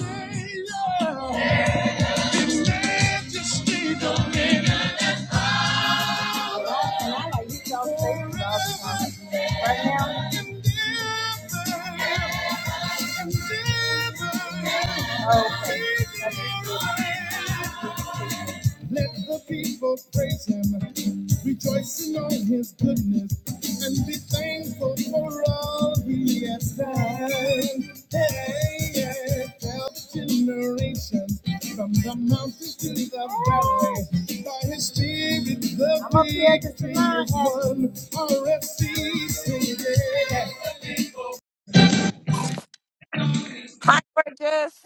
I like to the time. Right now. Okay. Let the people praise him, rejoicing on his goodness, and be thankful for all he has done. Hey, yeah, tell the generations from the mountains to the valley, by his spirit the I'm up here just victory is now. won. RFC, sing yeah. Hi, gorgeous.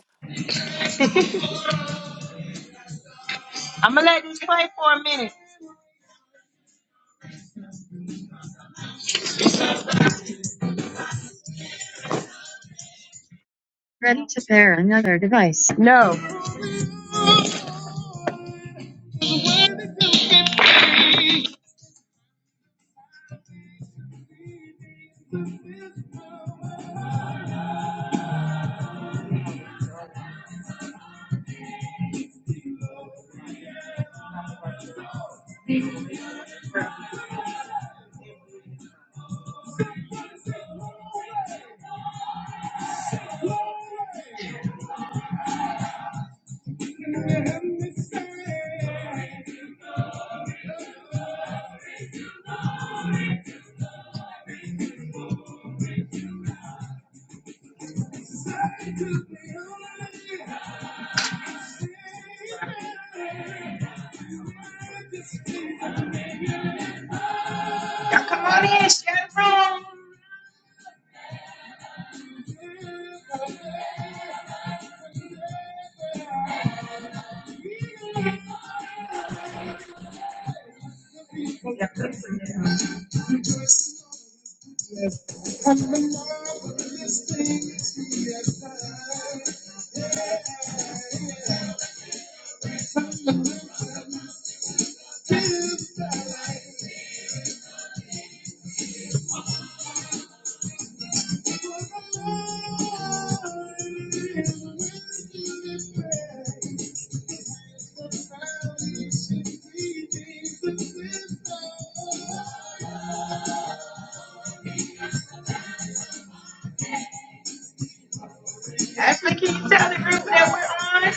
I'm gonna let this play for a minute. Ready to pair another device. No. Now come on in, share the room. Ashley, can you tell the group that we're on?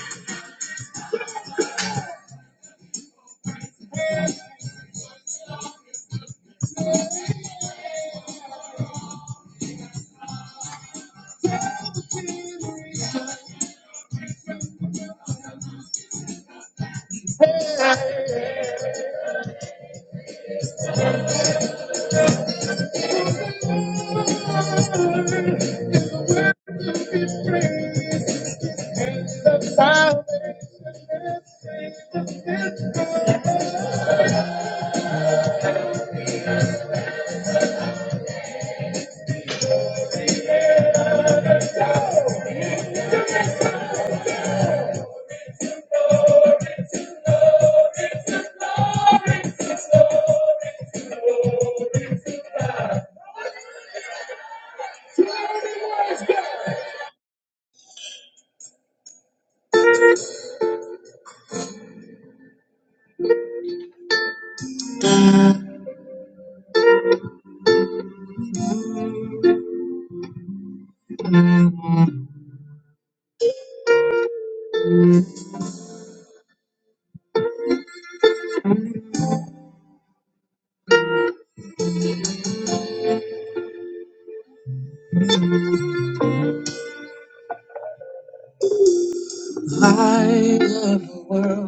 I love the world.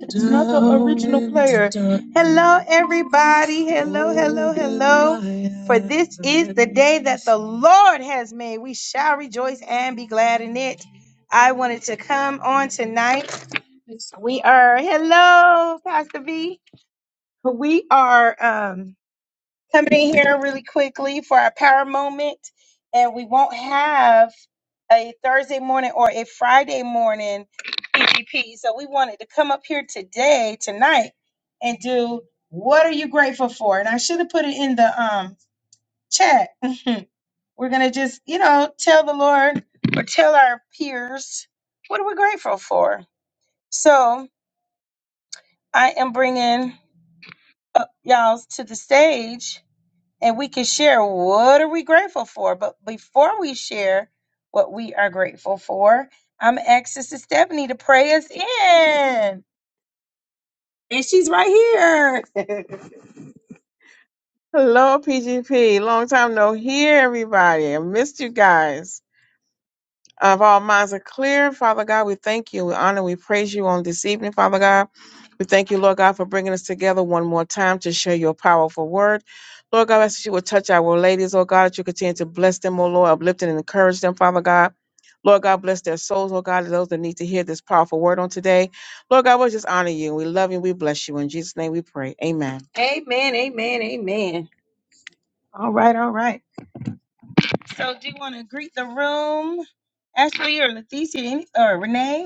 It's not the original player. Hello, everybody. Hello, hello, hello. For Oh, this is the day that the Lord has made. We shall rejoice and be glad in it. I wanted to come on tonight. We are, hello, Pastor V. We are, um, coming in here really quickly for our power moment. And we won't have a Thursday morning or a Friday morning PGP. So we wanted to come up here today, tonight, and do what are you grateful for? And I should have put it in the um chat. We're gonna just, you know, tell the Lord or tell our peers what are we grateful for. So I am bringing up y'all to the stage and we can share what are we grateful for but before we share what we are grateful for i'm asking sister stephanie to pray us in and she's right here hello pgp long time no hear everybody i missed you guys Of all minds are clear, Father God, we thank you. We honor, we praise you on this evening, Father God. We thank you, Lord God, for bringing us together one more time to share your powerful word. Lord God, I ask that you would touch our ladies, oh God, that you continue to bless them, oh Lord, uplift and encourage them, Father God. Lord God, bless their souls, oh God, and those that need to hear this powerful word on today. Lord God, we'll just honor you. We love you. We bless you. In Jesus' name we pray. Amen. All right, all right. So, do you want to greet the room, Ashley or Leticia any- or Renee?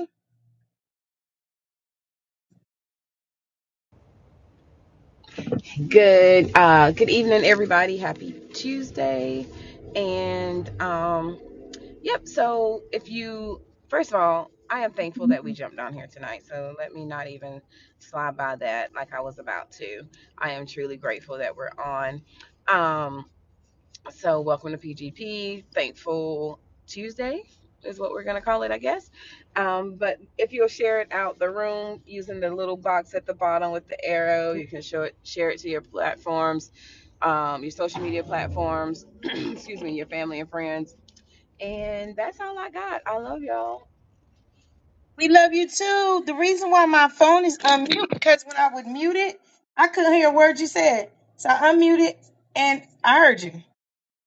Good uh good evening everybody. Happy Tuesday. And um yep, so if you first of all, I am thankful that we jumped on here tonight. So let me not even slide by that like I was about to. I am truly grateful that we're on. Um So, welcome to PGP. Thankful Tuesday is what we're going to call it, I guess. Um, but if you'll share it out the room using the little box at the bottom with the arrow, you can show it, share it to your platforms, um, your social media platforms, excuse me, your family and friends. And that's all I got. I love y'all. We love you too. The reason why my phone is unmute because when I would mute it, I couldn't hear a word you said. So I unmuted and I heard you.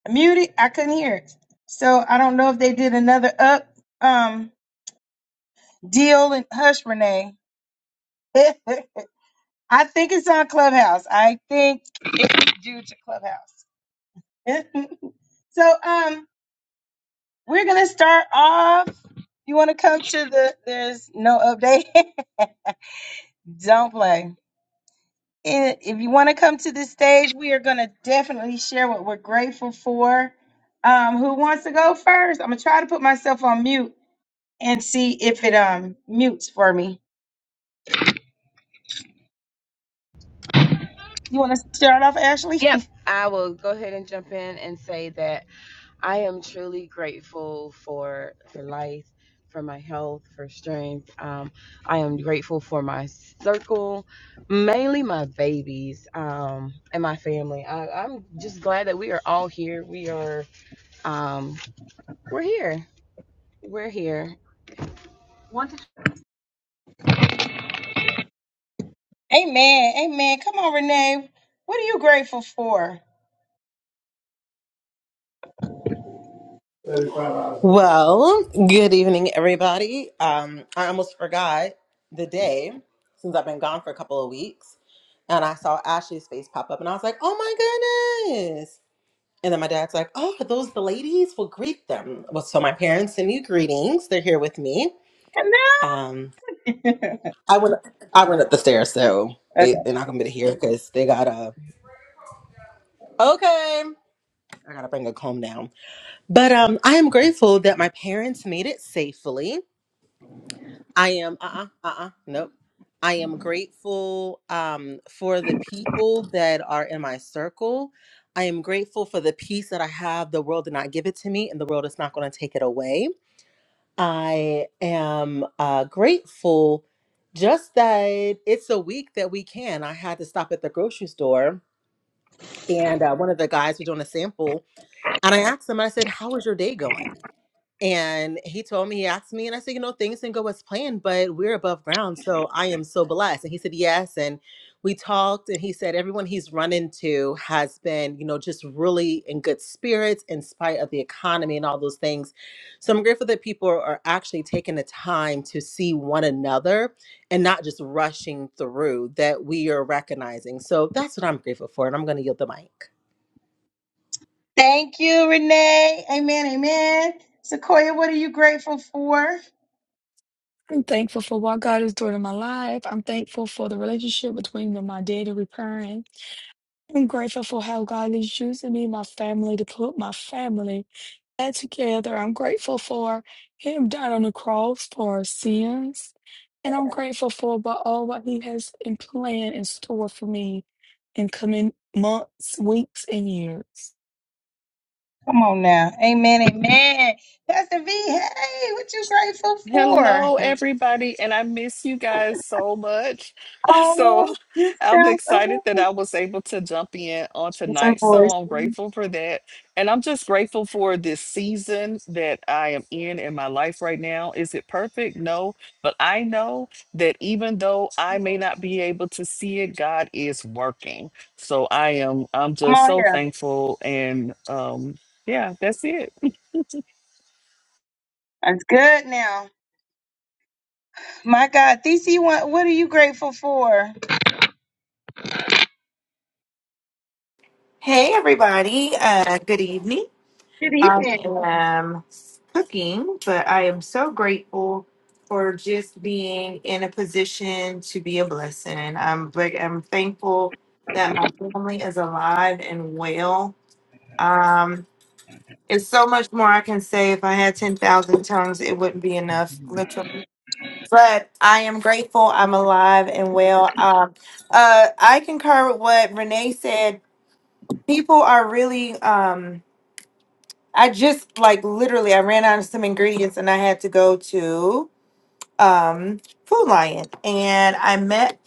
I muted, I couldn't hear it. So I don't know if they did another up um deal and hush Renee. I think it's on Clubhouse. I think it's due to Clubhouse. so um we're gonna start off. You wanna come to the there's no update? Don't play. And If you want to come to the stage, we are gonna definitely share what we're grateful for. Um, who wants to go first? I'm gonna try to put myself on mute and see if it um mutes for me. You wanna start off, Ashley? Yep. I will go ahead and jump in and say that I am truly grateful for for life, for my health, for strength. Um, I am grateful for my circle, mainly my babies um, and my family. I, I'm just glad that we are all here. We are um, we're here. We're here. amen, amen. Come on, Renee. What are you grateful for? Well, good evening, everybody. Um, I almost forgot the day since I've been gone for a couple of weeks, and I saw Ashley's face pop up, and I was like, "Oh my goodness!" And then my dad's like, "Oh, are those the ladies? We'll greet them." Well, so my parents send you greetings. They're here with me. Hello. Um, I went, I went up the stairs, so Okay. they they're not gonna be here because they got a okay. I gotta bring a comb down, but um, I am grateful that my parents made it safely. I am uh uh-uh, uh uh nope. I am grateful um for the people that are in my circle. I am grateful for the peace that I have. The world did not give it to me, and the world is not going to take it away. I am uh, grateful just that it's a week that we can. I had to stop at the grocery store, and uh, one of the guys was doing a sample, and I asked him. I said, "How is your day going?" And he told me, he asked me, and I said, you know, things didn't go as planned, but we're above ground. So I am so blessed. And he said, yes. And we talked, and he said, everyone he's run into has been, you know, just really in good spirits in spite of the economy and all those things. So I'm grateful that people are actually taking the time to see one another and not just rushing through, that we are recognizing. So that's what I'm grateful for. And I'm going to yield the mic. Thank you, Renee. Amen. Amen. Sequoia, what are you grateful for? I'm thankful for what God is doing in my life. I'm thankful for the relationship between me and my daddy repairing. I'm grateful for how God is using me, and my family, to put my family back together. I'm grateful for Him dying on the cross for our sins. And I'm grateful for about all what He has in plan in store for me in coming months, weeks, and years. Come on now. Amen. Amen. Pastor V, hey, what you grateful for? Hello, everybody, and I miss you guys so much. So Oh, you I'm sound excited oh, that I was able to jump in on it's her tonight. So voice. I'm Come grateful for that. And I'm just grateful for this season that I am in in my life right now. Is it perfect? No. But I know that even though I may not be able to see it, God is working. So I am, I'm just on so here. thankful. And um, yeah, that's it. That's good now. My God, DC, what, what are you grateful for? Hey, everybody. Uh, good evening. Good I evening. am cooking, but I am so grateful for just being in a position to be a blessing. I'm, like, I'm thankful that my family is alive and well. Um, it's so much more I can say. If I had 10,000 tongues, it wouldn't be enough, literally. But I am grateful I'm alive and well. Um, uh, I concur with what Renee said. People are really. Um, I just like literally I ran out of some ingredients and I had to go to um Food Lion and I met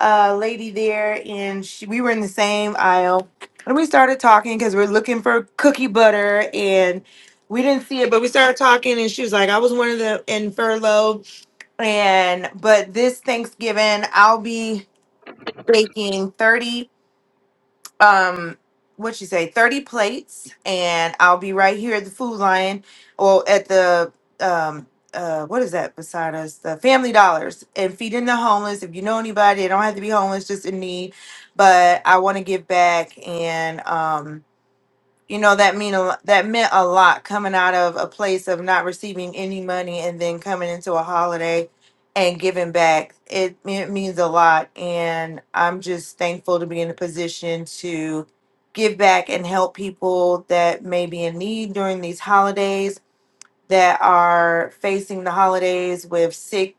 a lady there and she, we were in the same aisle and we started talking because we're looking for cookie butter and we didn't see it but we started talking and she was like I was one of the in furlough and but this Thanksgiving I'll be baking 30 um what you say 30 plates and i'll be right here at the food lion. or at the um uh what is that beside us the family dollars and feeding the homeless if you know anybody they don't have to be homeless just in need but i want to give back and um you know that mean a, that meant a lot coming out of a place of not receiving any money and then coming into a holiday and giving back it, it means a lot and i'm just thankful to be in a position to give back and help people that may be in need during these holidays that are facing the holidays with sick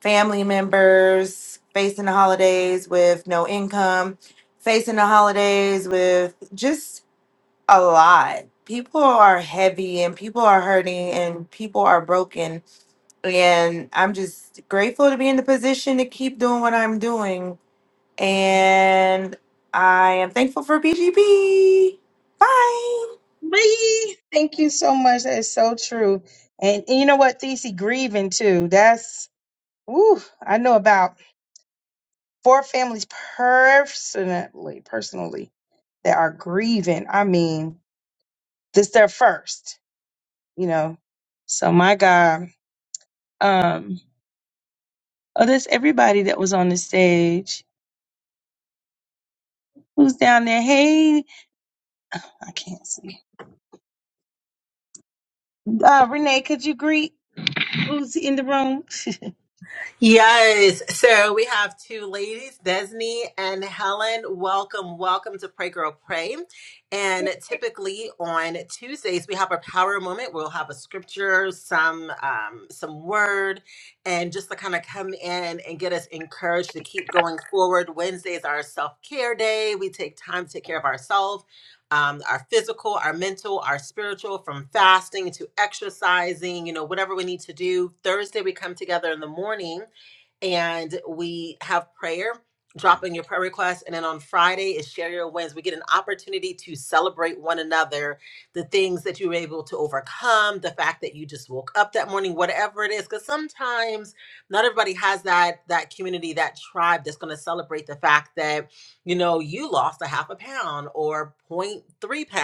family members facing the holidays with no income facing the holidays with just a lot. People are heavy and people are hurting and people are broken. And I'm just grateful to be in the position to keep doing what I'm doing. And I am thankful for BGP. Bye. Me. Thank you so much. That is so true. And, and you know what, DC, grieving too. That's, woo, I know about. for families personally, personally that are grieving. I mean, this their first, you know. So my God, um, oh, there's everybody that was on the stage. Who's down there? Hey, I can't see. Uh, Renee, could you greet who's in the room? Yes. So we have two ladies, Desney and Helen. Welcome, welcome to Pray Girl Pray. And typically on Tuesdays we have a power moment. We'll have a scripture, some um, some word, and just to kind of come in and get us encouraged to keep going forward. Wednesday is our self care day. We take time to take care of ourselves. Um, our physical, our mental, our spiritual, from fasting to exercising, you know, whatever we need to do. Thursday, we come together in the morning and we have prayer. Drop in your prayer requests. And then on Friday is Share Your Wins. We get an opportunity to celebrate one another, the things that you were able to overcome, the fact that you just woke up that morning, whatever it is. Because sometimes not everybody has that that community, that tribe that's going to celebrate the fact that, you know, you lost a half a pound or point three pounds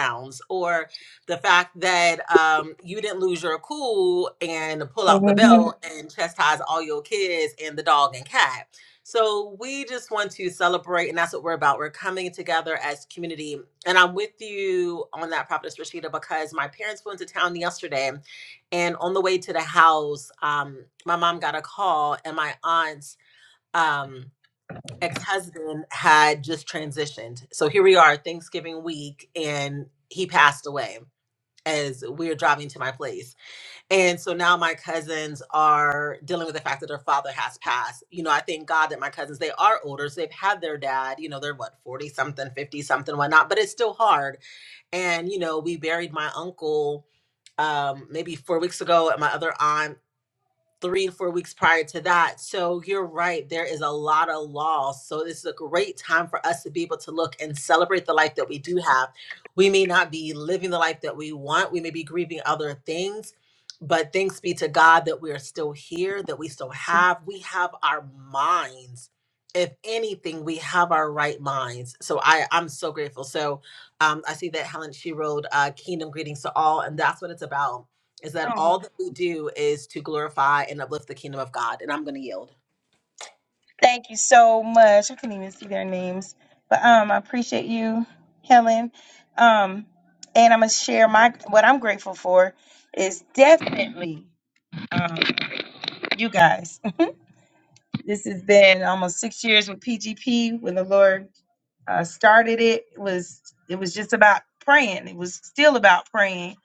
or the fact that um, you didn't lose your cool and pull out the belt and chastise all your kids and the dog and cat. So we just want to celebrate, and that's what we're about. We're coming together as community, and I'm with you on that, Prophetess Rashida, because my parents went to town yesterday, and on the way to the house, um, my mom got a call, and my aunt's um, ex-husband had just transitioned. So here we are, Thanksgiving week, and he passed away as we're driving to my place. And so now my cousins are dealing with the fact that their father has passed. You know, I thank God that my cousins, they are older. So they've had their dad, you know, they're what, 40 something, 50 something, whatnot, but it's still hard. And, you know, we buried my uncle um maybe four weeks ago and my other aunt three to four weeks prior to that. So you're right. There is a lot of loss. So this is a great time for us to be able to look and celebrate the life that we do have. We may not be living the life that we want, we may be grieving other things. But thanks be to God that we are still here, that we still Mm. have. We have our minds. If anything, we have our right minds. So I, I'm so grateful. So um, I see that Helen, she wrote uh, Kingdom Greetings to All, and that's what it's about is that all Oh, that we do is to glorify and uplift the kingdom of God. And I'm going to yield. thank you so much. I couldn't even see their names, but um, I appreciate you, Helen. Um, and I'm gonna share my what I'm grateful for is definitely um you guys. This has been almost six years with PGP when the Lord uh, started it it was it was just about praying. It was still about praying.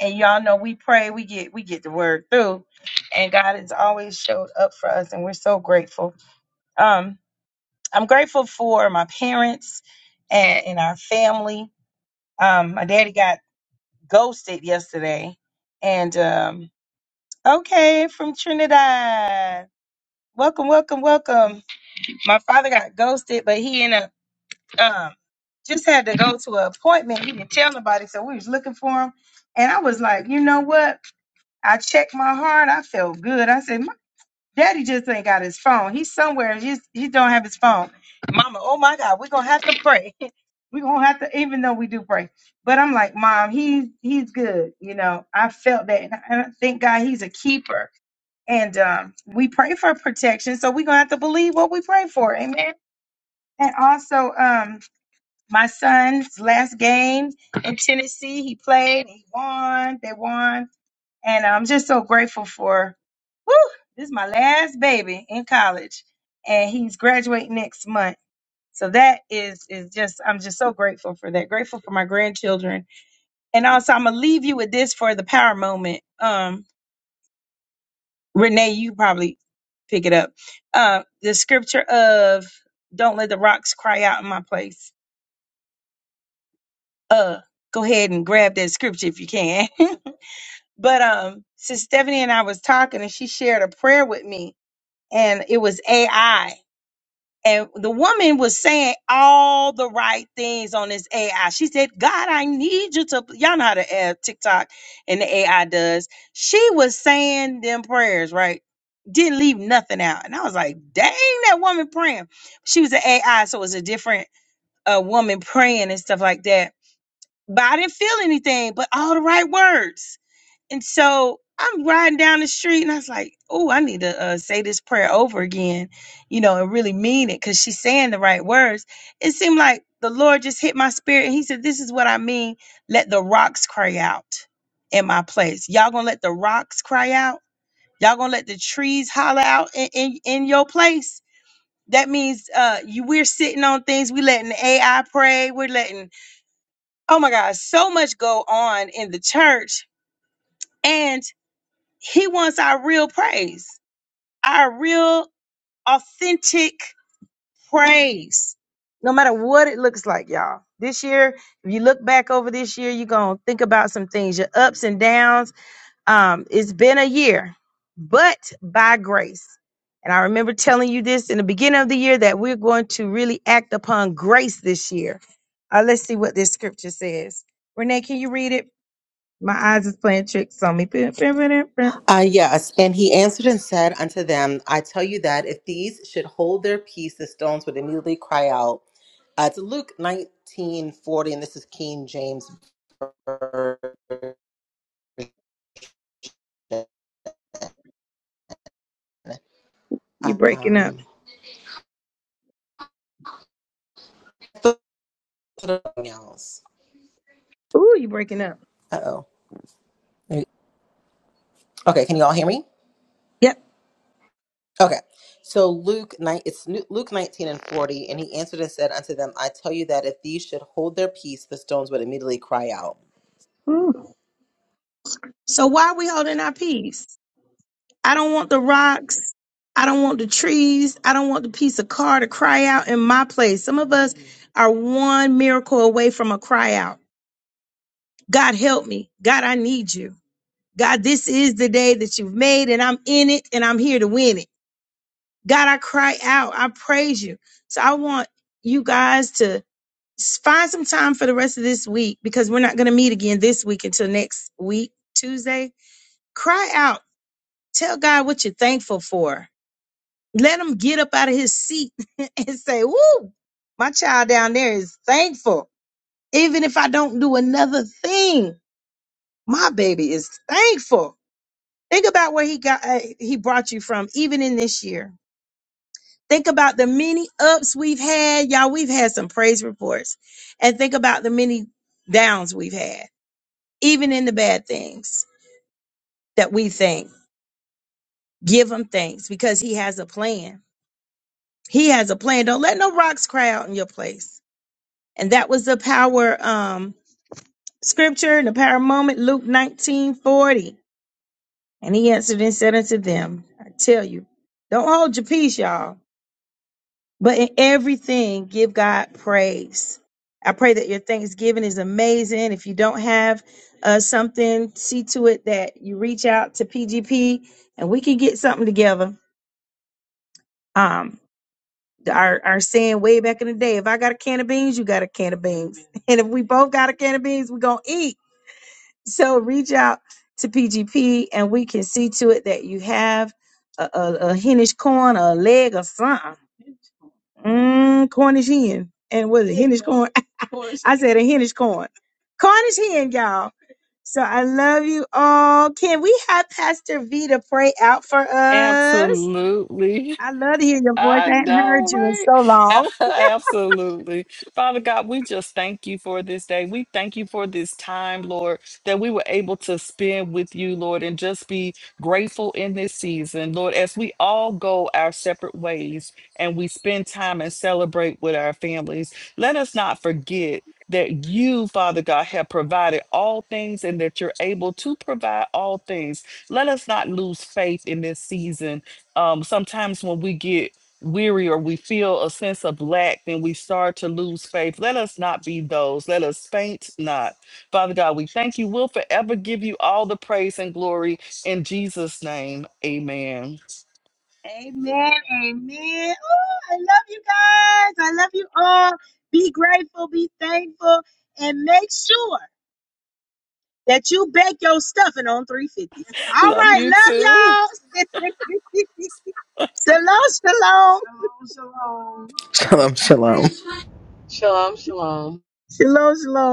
And y'all know we pray, we get we get the word through. And God has always showed up for us and we're so grateful. Um I'm grateful for my parents and, and our family. Um my daddy got ghosted yesterday and um okay from Trinidad. Welcome, welcome, welcome. my father got ghosted, but he ended up um, just had to go to an appointment. He didn't tell nobody, so we was looking for him. And I was like, you know what? I checked my heart. I felt good. I said, my daddy just ain't got his phone. He's somewhere. He's, he don't have his phone. Mama, oh my God, we're gonna have to pray. we're gonna have to, even though we do pray. But I'm like, Mom, he's he's good. You know, I felt that, and I, and I thank God he's a keeper. And um, we pray for protection, so we're gonna have to believe what we pray for. Amen. And also, um, my son's last game in Tennessee, he played, he won, they won. And I'm just so grateful for, whew, this is my last baby in college. And he's graduating next month. So that is is just I'm just so grateful for that. Grateful for my grandchildren. And also I'm gonna leave you with this for the power moment. Um, Renee, you probably pick it up. Uh, the scripture of don't let the rocks cry out in my place uh go ahead and grab that scripture if you can but um since stephanie and i was talking and she shared a prayer with me and it was ai and the woman was saying all the right things on this AI. She said, God, I need you to. Y'all know how to add TikTok and the AI does. She was saying them prayers, right? Didn't leave nothing out. And I was like, dang, that woman praying. She was an AI, so it was a different uh, woman praying and stuff like that but I didn't feel anything, but all the right words. And so I'm riding down the street and I was like, oh, I need to uh, say this prayer over again, you know, and really mean it because she's saying the right words. It seemed like the Lord just hit my spirit and He said, this is what I mean. Let the rocks cry out in my place. Y'all gonna let the rocks cry out? Y'all gonna let the trees holler out in, in, in your place? That means uh, you, we're sitting on things. We letting AI pray. We're letting oh my God, so much go on in the church, and he wants our real praise, our real authentic praise, no matter what it looks like, y'all. This year, if you look back over this year, you're gonna think about some things, your ups and downs. Um, it's been a year, but by grace. And I remember telling you this in the beginning of the year that we're going to really act upon grace this year. Uh, let's see what this scripture says. Renee, can you read it? My eyes is playing tricks on me. Uh, yes, and he answered and said unto them, I tell you that if these should hold their peace, the stones would immediately cry out. Uh, it's Luke nineteen forty, and this is King James Version. You breaking up. Um, something else. Ooh, you breaking up. Uh oh. Okay, can you all hear me? Yep. Okay. So Luke nine it's Nu- Luke 19 and 40 and he answered and said unto them I tell you that if these should hold their peace the stones would immediately cry out. Ooh. So why are we holding our peace? I don't want the rocks. I don't want the trees. I don't want the piece of car to cry out in my place. Some of us are one miracle away from a cry out. God help me. God, I need you. God, this is the day that you've made and I'm in it and I'm here to win it. God, I cry out. I praise you. So I want you guys to. s- find some time for the rest of this week because we're not going to meet again this week until next week, Tuesday. Cry out. Tell God what you're thankful for. Let him get up out of his seat and say, Woo, my child down there is thankful. Even if I don't do another thing, my baby is thankful. Think about where he got uh, he brought you from, even in this year. Think about the many ups we've had. Y'all, we've had some praise reports. And think about the many downs we've had even in the bad things that we think. Give him thanks because he has a plan. He has a plan. Don't let no rocks cry out in your place. And that was the power um scripture and the power moment, Luke 19 40. And he answered and said unto them, I tell you, don't hold your peace, y'all But in everything, give God praise. I pray that your Thanksgiving is amazing. If you don't have uh, something, see to it that you reach out to PGP and we can get something together. Um, our, our saying way back in the day if I got a can of beans, you got a can of beans. And if we both got a can of beans, we're going to eat. So reach out to PGP and we can see to it that you have a, a, a Hennish corn, a leg, or something. Mm, Cornish hen. And what is it? Hennish corn? I said a Hennish corn. Cornish hen, y'all. So I love you all. Can we have Pastor V to pray out for us? Absolutely. I love to hear your voice. I I hadn't know, heard you in right? so long. Absolutely. Father God, we just thank you for this day. We thank you for this time, Lord, that we were able to spend with you, Lord, and just be grateful in this season, Lord, as we all go our separate ways and we spend time and celebrate with our families. Let us not forget. That you, Father God, have provided all things and that you're able to provide all things. Let us not lose faith in this season um, sometimes when we get weary or we feel a sense of lack, then we start to lose faith. Let us not be those. Let us faint not. Father God, we thank you. We'll forever give you all the praise and glory in Jesus' name. Amen. Amen. Amen. Oh, I love you guys. I love you all. Be grateful. Be thankful. And make sure. that you bake your stuffing on 350. All Love right, you too. love y'all. shalom, shalom. Shalom, shalom. Shalom shalom. Shalom, shalom. Shalom, shalom.